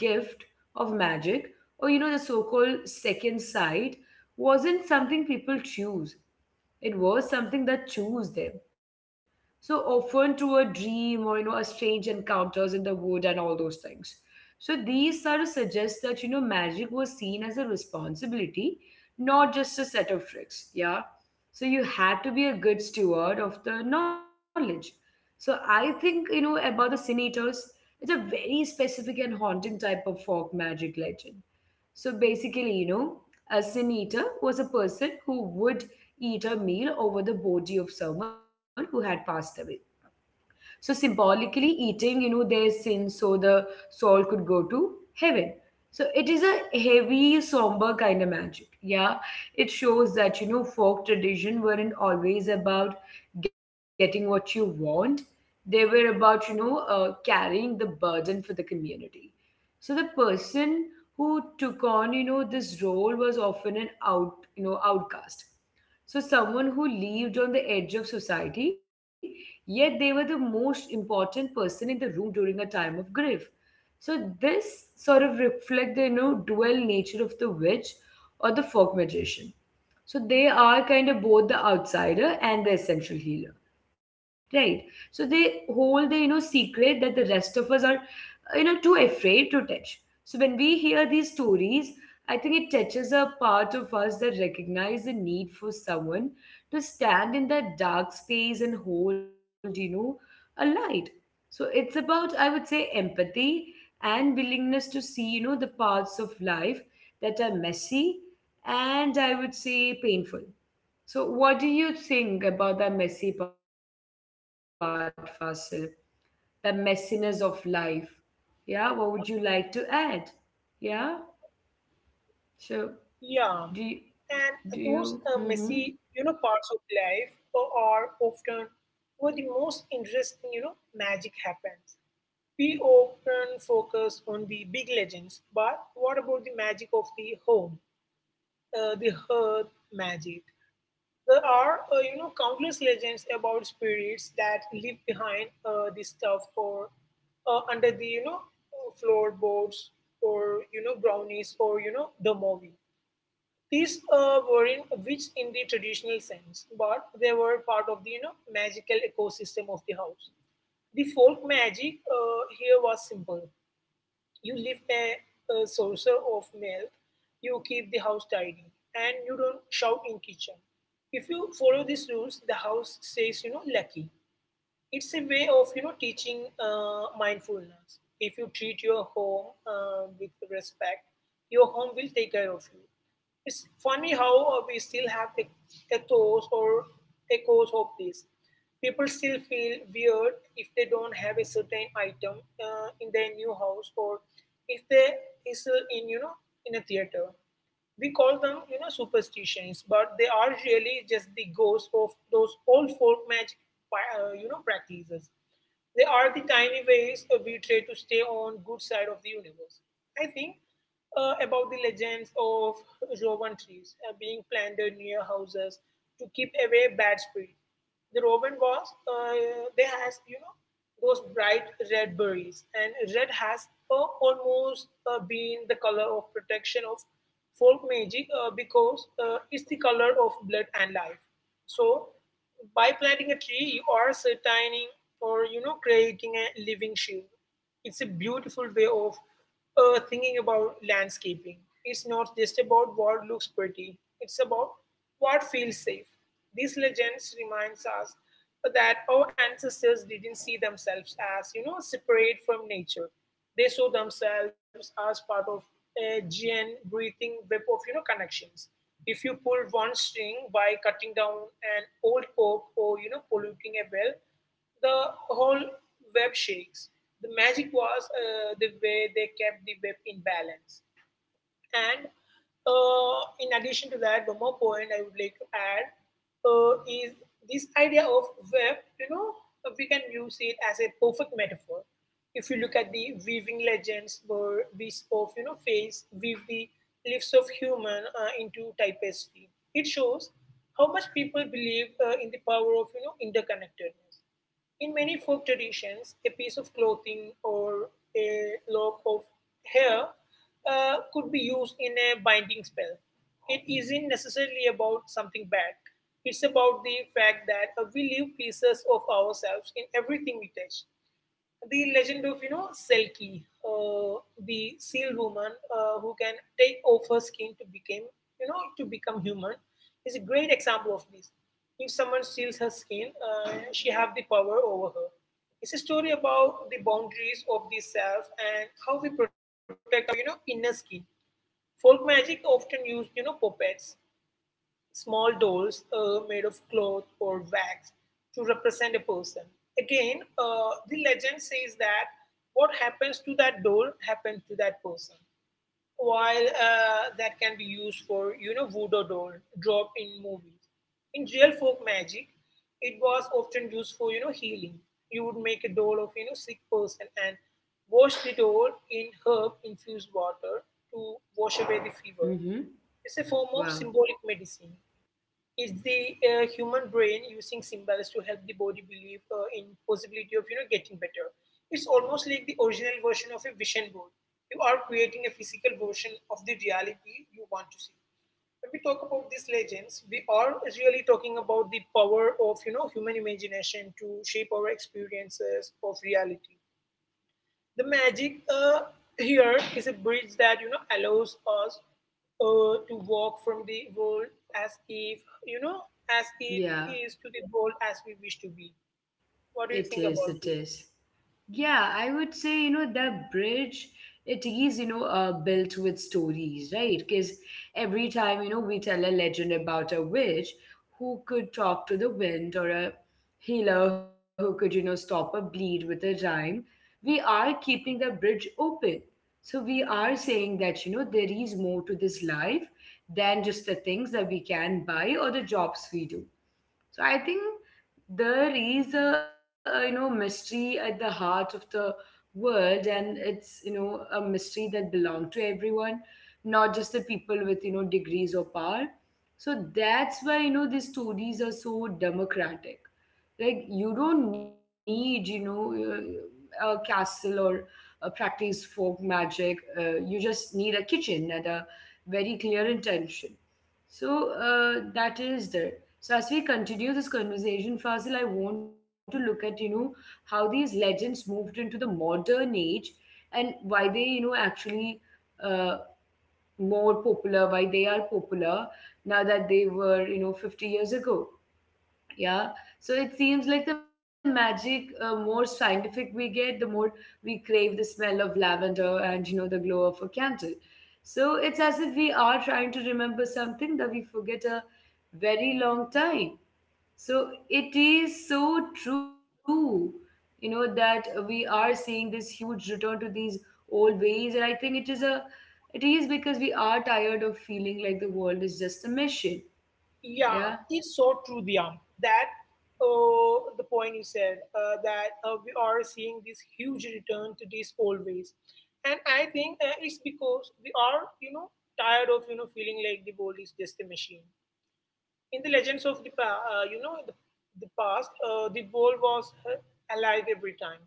S1: gift of magic, or you know the so-called second sight, wasn't something people choose. It was something that chose them. So often through a dream, or you know a strange encounters in the wood and all those things. So these sort of suggest that you know magic was seen as a responsibility, not just a set of tricks. Yeah. So you had to be a good steward of the knowledge. So I think you know about the sin eaters. It's a very specific and haunting type of folk magic legend. So basically, you know, a sin eater was a person who would eat a meal over the body of someone who had passed away. So symbolically eating, you know, their sins so the soul could go to heaven. So it is a heavy, somber kind of magic. Yeah. It shows that, you know, folk tradition weren't always about getting what you want. They were about, you know, carrying the burden for the community. So the person who took on, you know, this role was often an out, you know, outcast. So someone who lived on the edge of society. Yet they were the most important person in the room during a time of grief. So this sort of reflect the you know dual nature of the witch or the folk magician. So they are kind of both the outsider and the essential healer, right? So they hold the you know secret that the rest of us are you know too afraid to touch. So when we hear these stories, I think it touches a part of us that recognize the need for someone to stand in that dark space and hold you know a light. So it's about, I would say, empathy and willingness to see you know the parts of life that are messy and, I would say, painful. So, what do you think about the messy part, Fasil? The messiness of life? Yeah, what would you like to add? Yeah, so do you,
S2: Yeah.
S1: do
S2: And
S1: you,
S2: those messy, parts of life are often where the most interesting, magic happens. We often focus on the big legends, but what about the magic of the home, the hearth magic? There are, countless legends about spirits that live behind the stuff or under the floorboards or, you know, brownies or, you know, the movie. These were in witch in the traditional sense, but they were part of the, you know, magical ecosystem of the house. The folk magic here was simple. You lift a saucer of milk, you keep the house tidy, and you don't shout in kitchen. If you follow these rules, the house says, you know, lucky. It's a way of you know teaching mindfulness. If you treat your home with respect, your home will take care of you. It's funny how we still have ethos or echoes of this. People still feel weird if they don't have a certain item in their new house or if there is in you know in a theater we call them, you know, superstitions, but they are really just the ghosts of those old folk magic, practices. They are the tiny ways we try to stay on good side of the universe. I think about the legends of Rowan trees being planted near houses to keep away bad spirits. The robin was, they has you know those bright red berries, and red has almost been the color of protection of folk magic because it's the color of blood and life. So, by planting a tree, you are certaining or you know creating a living shield. It's a beautiful way of thinking about landscaping. It's not just about what looks pretty, it's about what feels safe. These legends reminds us that our ancestors didn't see themselves as, you know, separate from nature. They saw themselves as part of a giant breathing web of, you know, connections. If you pull one string by cutting down an old oak or, you know, polluting a well, the whole web shakes. The magic was the way they kept the web in balance. And in addition to that, one more point I would like to add is this idea of web. You know, we can use it as a perfect metaphor. If you look at the weaving legends, where wisps of you know face weave the lives of human into tapestry, it shows how much people believe in the power of you know interconnectedness. In many folk traditions, a piece of clothing or a lock of hair could be used in a binding spell. It isn't necessarily about something bad. It's about the fact that we leave pieces of ourselves in everything we touch the legend of you know Selkie, the seal woman who can take off her skin to become to become human, is a great example of this. If someone steals her skin, she have the power over her. It's a story about the boundaries of the self and how we protect our you know inner skin. Folk magic often used you know puppets, small dolls made of cloth or wax to represent a person. Again, the legend says that what happens to that doll happens to that person. While that can be used for, you know, voodoo doll drop in movies. In real folk magic, it was often used for, you know, healing. You would make a doll of, you know, sick person and wash the doll in herb infused water to wash away the
S1: mm
S2: fever.
S1: hmm,
S2: It's a form of
S1: wow,
S2: symbolic medicine. It's the human brain using symbols to help the body believe in possibility of you know getting better. It's almost like the original version of a vision board. You are creating a physical version of the reality you want to see. When we talk about these legends, we are really talking about the power of you know human imagination to shape our experiences of reality the magic here is a bridge that you know allows us to walk from the world as if you know as it is to the
S1: yeah.
S2: world as we wish to be what do you
S1: It
S2: think
S1: is,
S2: about
S1: it
S2: this
S1: is. Yeah, I would say, you know, that bridge, it is, you know, built with stories, right? Because every time, you know, we tell a legend about a witch who could talk to the wind or a healer who could, you know, stop a bleed with a rhyme, we are keeping the bridge open. So we are saying that, you know, there is more to this life than just the things that we can buy or the jobs we do. So I think there is a you know mystery at the heart of the world, and it's you know a mystery that belongs to everyone, not just the people with you know degrees or power. So that's why you know these stories are so democratic. Like you don't need you know a castle or a practice folk magic. You just need a kitchen and a very clear intention. So that is there. So as we continue this conversation, Fasil, I want to look at, you know, how these legends moved into the modern age and why they, you know, actually uh, more popular, why they are popular now that they were, you know, 50 years ago. Yeah. So it seems like the magic, more scientific we get, the more we crave the smell of lavender and, you know, the glow of a candle. So it's as if we are trying to remember something that we forget a very long time. So it is so true, you know, that we are seeing this huge return to these old ways. And I think it is a, it is because we are tired of feeling like the world is just a machine.
S2: yeah
S1: Yeah.
S2: it's so true Diyam, that the point you said that we are seeing this huge return to these old ways and I think it's because we are you know tired of you know feeling like the world is just a machine in the legends of the the past the world was alive every time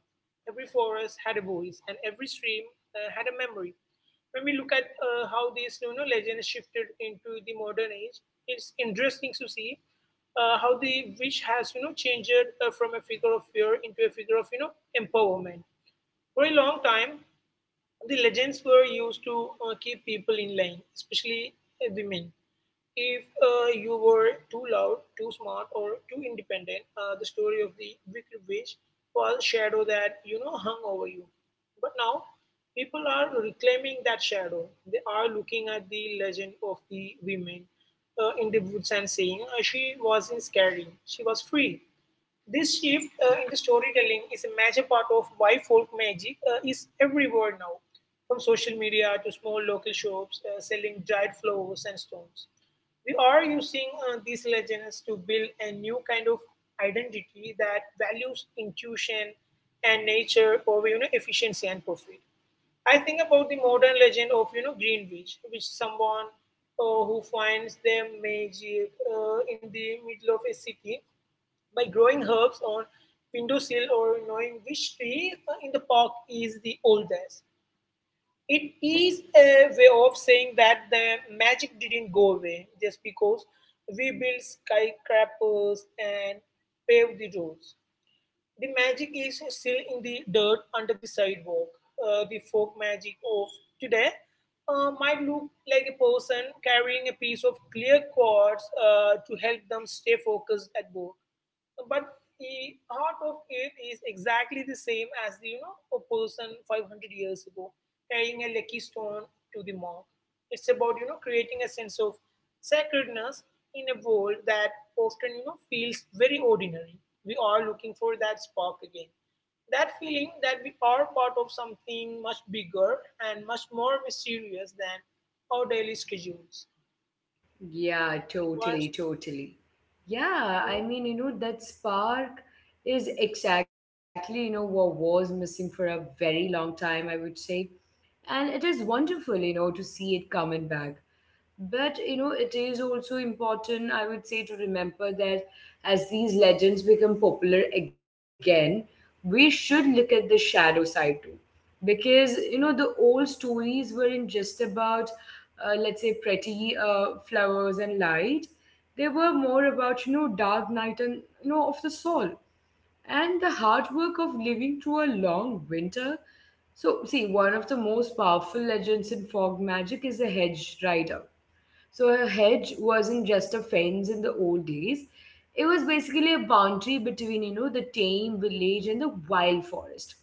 S2: every forest had a voice and every stream had a memory when we look at how these you know legends shifted into the modern age it's interesting to see how the witch has you know changed from a figure of fear into a figure of you know empowerment for a long time the legends were used to keep people in line, especially women. If you were too loud, too smart, or too independent, the story of the wicked witch was shadow that you know hung over you. But now, people are reclaiming that shadow. They are looking at the legend of the women in the woods and saying, "She wasn't scary. She was free." This shift in the storytelling is a major part of why folk magic is everywhere now, from social media to small local shops selling dried flowers and stones. We are using these legends to build a new kind of identity that values intuition and nature over you know, efficiency and profit. I think about the modern legend of you know Greenwich, which someone who finds their magic in the middle of a city by growing herbs on windowsill or knowing which tree in the park is the oldest. It is a way of saying that the magic didn't go away just because we built skyscrapers and paved the roads. The magic is still in the dirt under the sidewalk. The folk magic of today might look like a person carrying a piece of clear quartz to help them stay focused at work but the art of it is exactly the same as the, you know a person 500 years ago carrying a lucky stone to the mark it's about you know creating a sense of sacredness in a world that often you know feels very ordinary we are looking for that spark again that feeling that we are part of something much bigger and much more mysterious than our daily schedules.
S1: Yeah, totally,
S2: What's-
S1: totally. Yeah, I mean, you know, that spark is exactly, you know, what was missing for a very long time, I would say. And it is wonderful, you know, to see it coming back. But you know, it is also important, I would say, to remember that as these legends become popular again, we should look at the shadow side too. Because you know, the old stories weren't just about, let's say, pretty flowers and light. They were more about, you know, dark night and, you know, of the soul and the hard work of living through a long winter. So, see, one of the most powerful legends in fog magic is the hedge rider. So a hedge wasn't just a fence in the old days. It was basically a boundary between, you know, the tame village and the wild forest.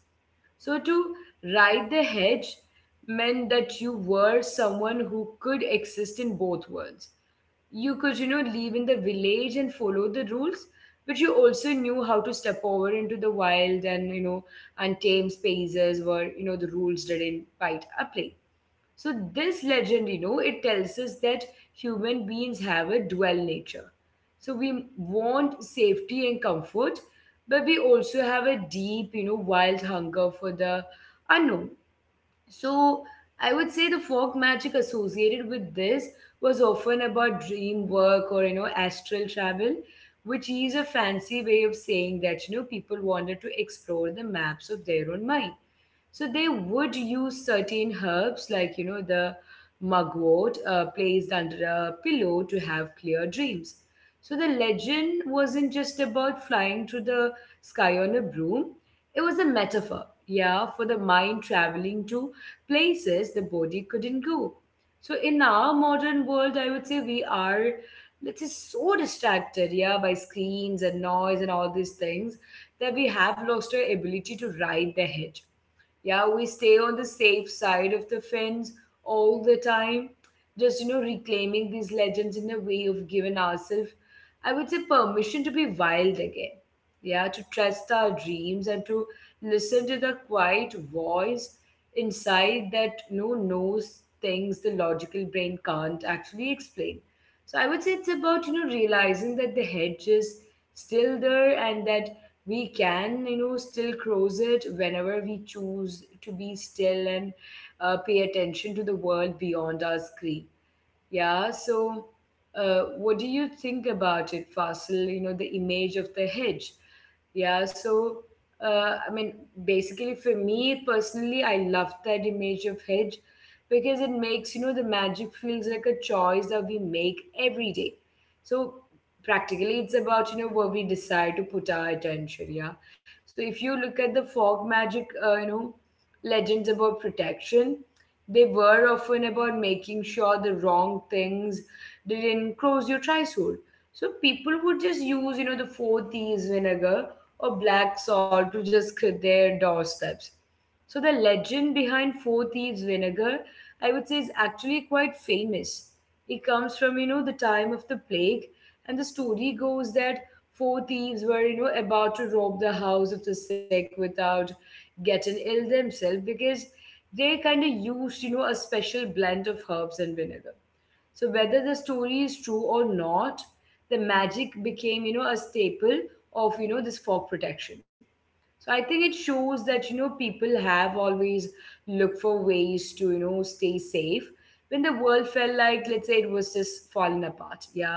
S1: So to ride the hedge meant that you were someone who could exist in both worlds. You could, you know, live in the village and follow the rules, but you also knew how to step over into the wild and, you know, untamed spaces where, you know, the rules didn't bite a plate. So this legend, you know, it tells us that human beings have a dual nature. So we want safety and comfort, but we also have a deep, you know, wild hunger for the unknown. So I would say the folk magic associated with this was often about dream work or, you know, astral travel, which is a fancy way of saying that you know people wanted to explore the maps of their own mind. So they would use certain herbs, like, you know, the mugwort placed under a pillow to have clear dreams. So the legend wasn't just about flying through the sky on a broom, it was a metaphor, yeah, for the mind traveling to places the body couldn't go. So in our modern world, I would say we are, let's say, so distracted, yeah, by screens and noise and all these things that we have lost our ability to ride the hedge. Yeah, we stay on the safe side of the fence all the time, just you know, reclaiming these legends in a way of giving ourselves, I would say, permission to be wild again. Yeah, to trust our dreams and to listen to the quiet voice inside that you know, knows things the logical brain can't actually explain. So I would say it's about you know realizing that the hedge is still there and that we can you know still cross it whenever we choose to be still and pay attention to the world beyond our screen. Yeah, so what do you think about it, Fasil? You know, the image of the hedge. Yeah, so I mean, basically for me personally, I love that image of hedge because it makes, you know, the magic feels like a choice that we make every day. So practically it's about, you know, where we decide to put our attention, yeah. So if you look at the fog magic, you know, legends about protection. They were often about making sure the wrong things didn't cross your threshold. So people would just use, you know, the four T's vinegar or black salt to just scrape their doorsteps. So the legend behind Four Thieves vinegar, I would say, is actually quite famous. It comes from, the time of the plague, and the story goes that four thieves were, about to rob the house of the sick without getting ill themselves because they kind of used, a special blend of herbs and vinegar. So whether the story is true or not, the magic became, a staple of this fog protection. So I think it shows that people have always looked for ways to stay safe when the world felt like, let's say, it was just falling apart. Yeah.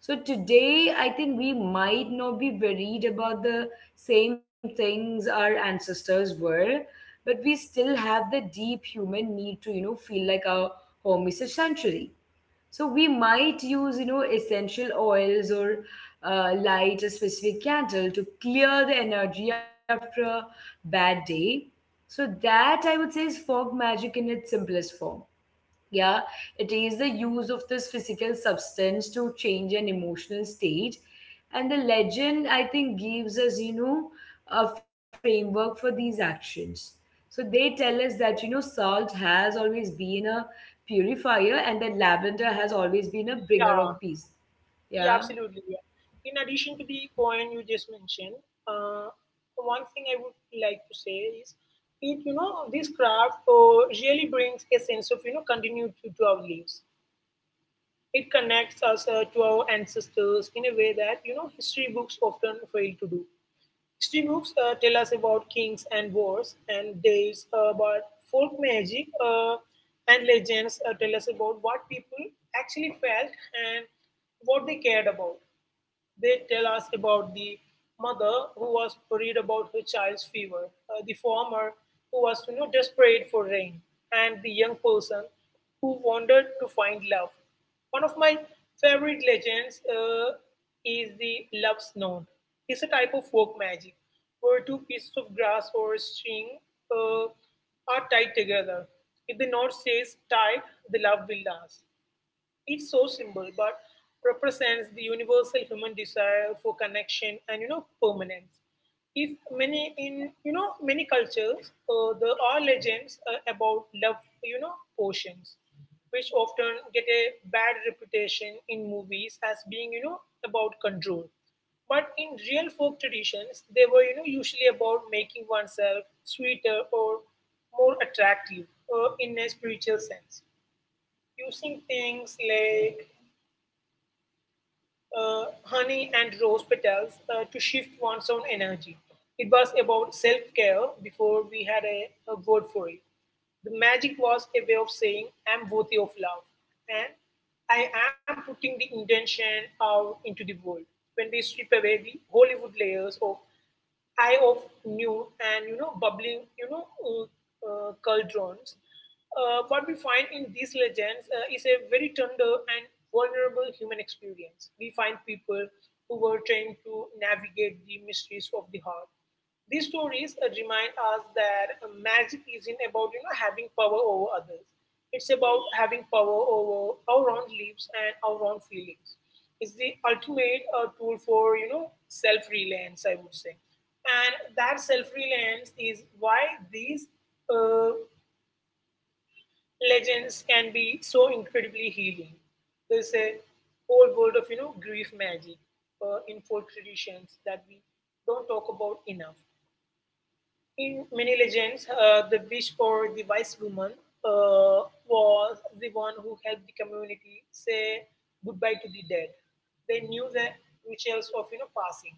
S1: So today, I think we might not be worried about the same things our ancestors were, but we still have the deep human need to, feel like our home is a sanctuary. So we might use, essential oils or light a specific candle to clear the energy after a bad day. So that, I would say, is fog magic in its simplest form. Yeah. It is the use of this physical substance to change an emotional state, and the legend, I think, gives us, a framework for these actions. So they tell us that salt has always been a purifier and that lavender has always been a bringer
S2: yeah,
S1: of peace.
S2: yeah,
S1: Yeah.
S2: absolutely. Yeah. In addition to the point you just mentioned, uh, one thing I would like to say is it, you know, this craft really brings a sense of, you know, continuity to our lives. It connects us to our ancestors in a way that, you know, history books often fail to do. History books tell us about kings and wars and days, but folk magic and legends tell us about what people actually felt and what they cared about. They tell us about the mother who was worried about her child's fever, the farmer who was you know, desperate for rain, and the young person who wanted to find love. One of my favorite legends is the love snout. It's a type of folk magic where two pieces of grass or string uh, are tied together. If the knot stays tied, the love will last. It's so simple, but represents the universal human desire for connection and you know permanence. If many in you know many cultures, there are legends about love, you know, potions, which often get a bad reputation in movies as being you know about control. But in real folk traditions, they were you know usually about making oneself sweeter or more attractive in a spiritual sense, using things like honey and rose petals to shift one's own energy. It was about self care before we had a word for it. The magic was a way of saying, I'm worthy of love, and I am putting the intention out into the world. When we strip away the Hollywood layers of eye of new and you know bubbling uh, cauldrons. What we find in these legends is a very tender and vulnerable human experience. We find people who were trained to navigate the mysteries of the heart, these stories remind us that magic isn't about you know having power over others. It's about having power over our own lives and our own feelings. It's the ultimate tool for you know self-reliance, I would say, and that self-reliance is why these uh, legends can be so incredibly healing. There's a whole world of you know grief magic in folk traditions that we don't talk about enough in many legends, the witch or the wise woman was the one who helped the community say goodbye to the dead. They knew the rituals of you know passing.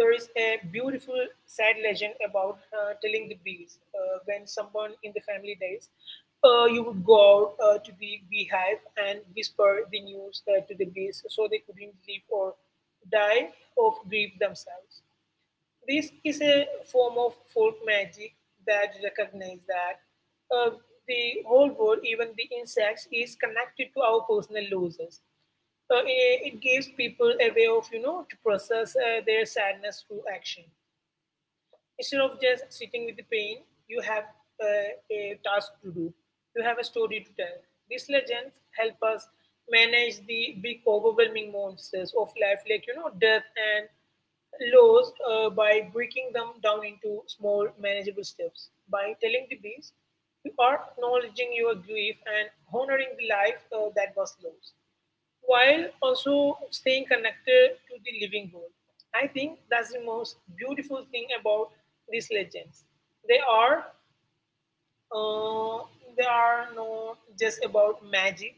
S2: There is a beautiful sad legend about telling the bees when someone in the family dies, you would go out to the beehive and whisper the news to the bees so they couldn't live or die of grief themselves. This is a form of folk magic that recognizes that uh, the whole world, even the insects, is connected to our personal losses. It gives people a way of, you know, to process their sadness through action. Instead of just sitting with the pain, you have a task to do. You have a story to tell. These legends help us manage the big overwhelming monsters of life, like you know, death and loss, by breaking them down into small, manageable steps. By telling the beast, you are acknowledging your grief and honoring the life that was lost while also staying connected to the living world. I think that's the most beautiful thing about these legends. They are uh, they are not just about magic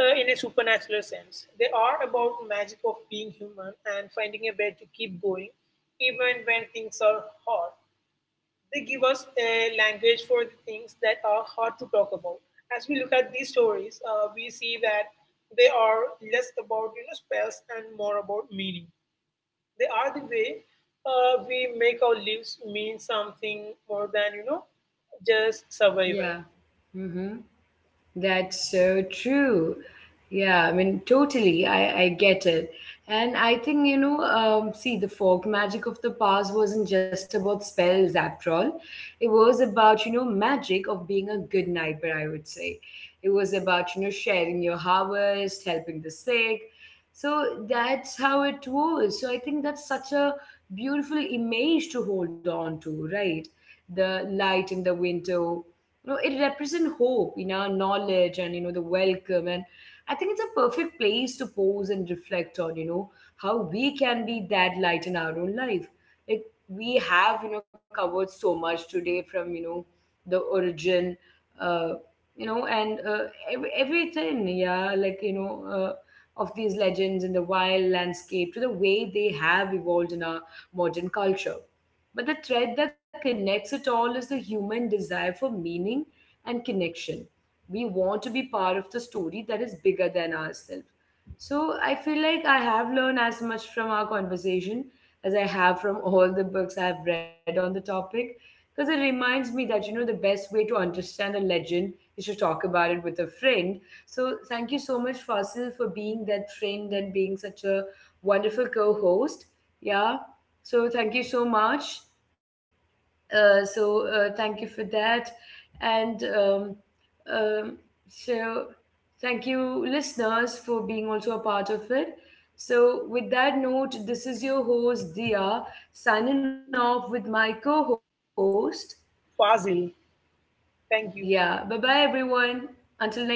S2: in a supernatural sense. They are about magic of being human and finding a way to keep going even when things are hard. They give us a language for the things that are hard to talk about. As we look at these stories, we see that they are less about you know spells and more about meaning. They are the way we make our lives mean something more than you know just survival.
S1: Yeah. Mm-hmm. That's so true. Yeah, I mean, totally. I get it. And I think, see, the folk magic of the past wasn't just about spells, after all. It was about, magic of being a good neighbor, I would say. It was about, sharing your harvest, helping the sick. So that's how it was. So I think that's such a beautiful image to hold on to, right? The light in the window, it represents hope, knowledge, and the welcome. And I think it's a perfect place to pause and reflect on how we can be that light in our own life. Like, we have, covered so much today, from the origin, uh you know and ev- everything yeah like you know of these legends in the wild landscape, to the way they have evolved in our modern culture. But the thread that connects it all is the human desire for meaning and connection. We want to be part of the story that is bigger than ourselves. So I feel like I have learned as much from our conversation as I have from all the books I've read on the topic, because it reminds me that the best way to understand a legend is to talk about it with a friend. So thank you so much, Fasil, for being that friend and being such a wonderful co-host. Yeah. So thank you so much. So thank you for that. And um, um, so thank you, listeners, for being also a part of it. So, with that note, this is your host, Dia, signing off with my co host.
S2: Fazil,
S1: Yeah, bye
S2: thank
S1: bye,
S2: you.
S1: everyone. Until next time.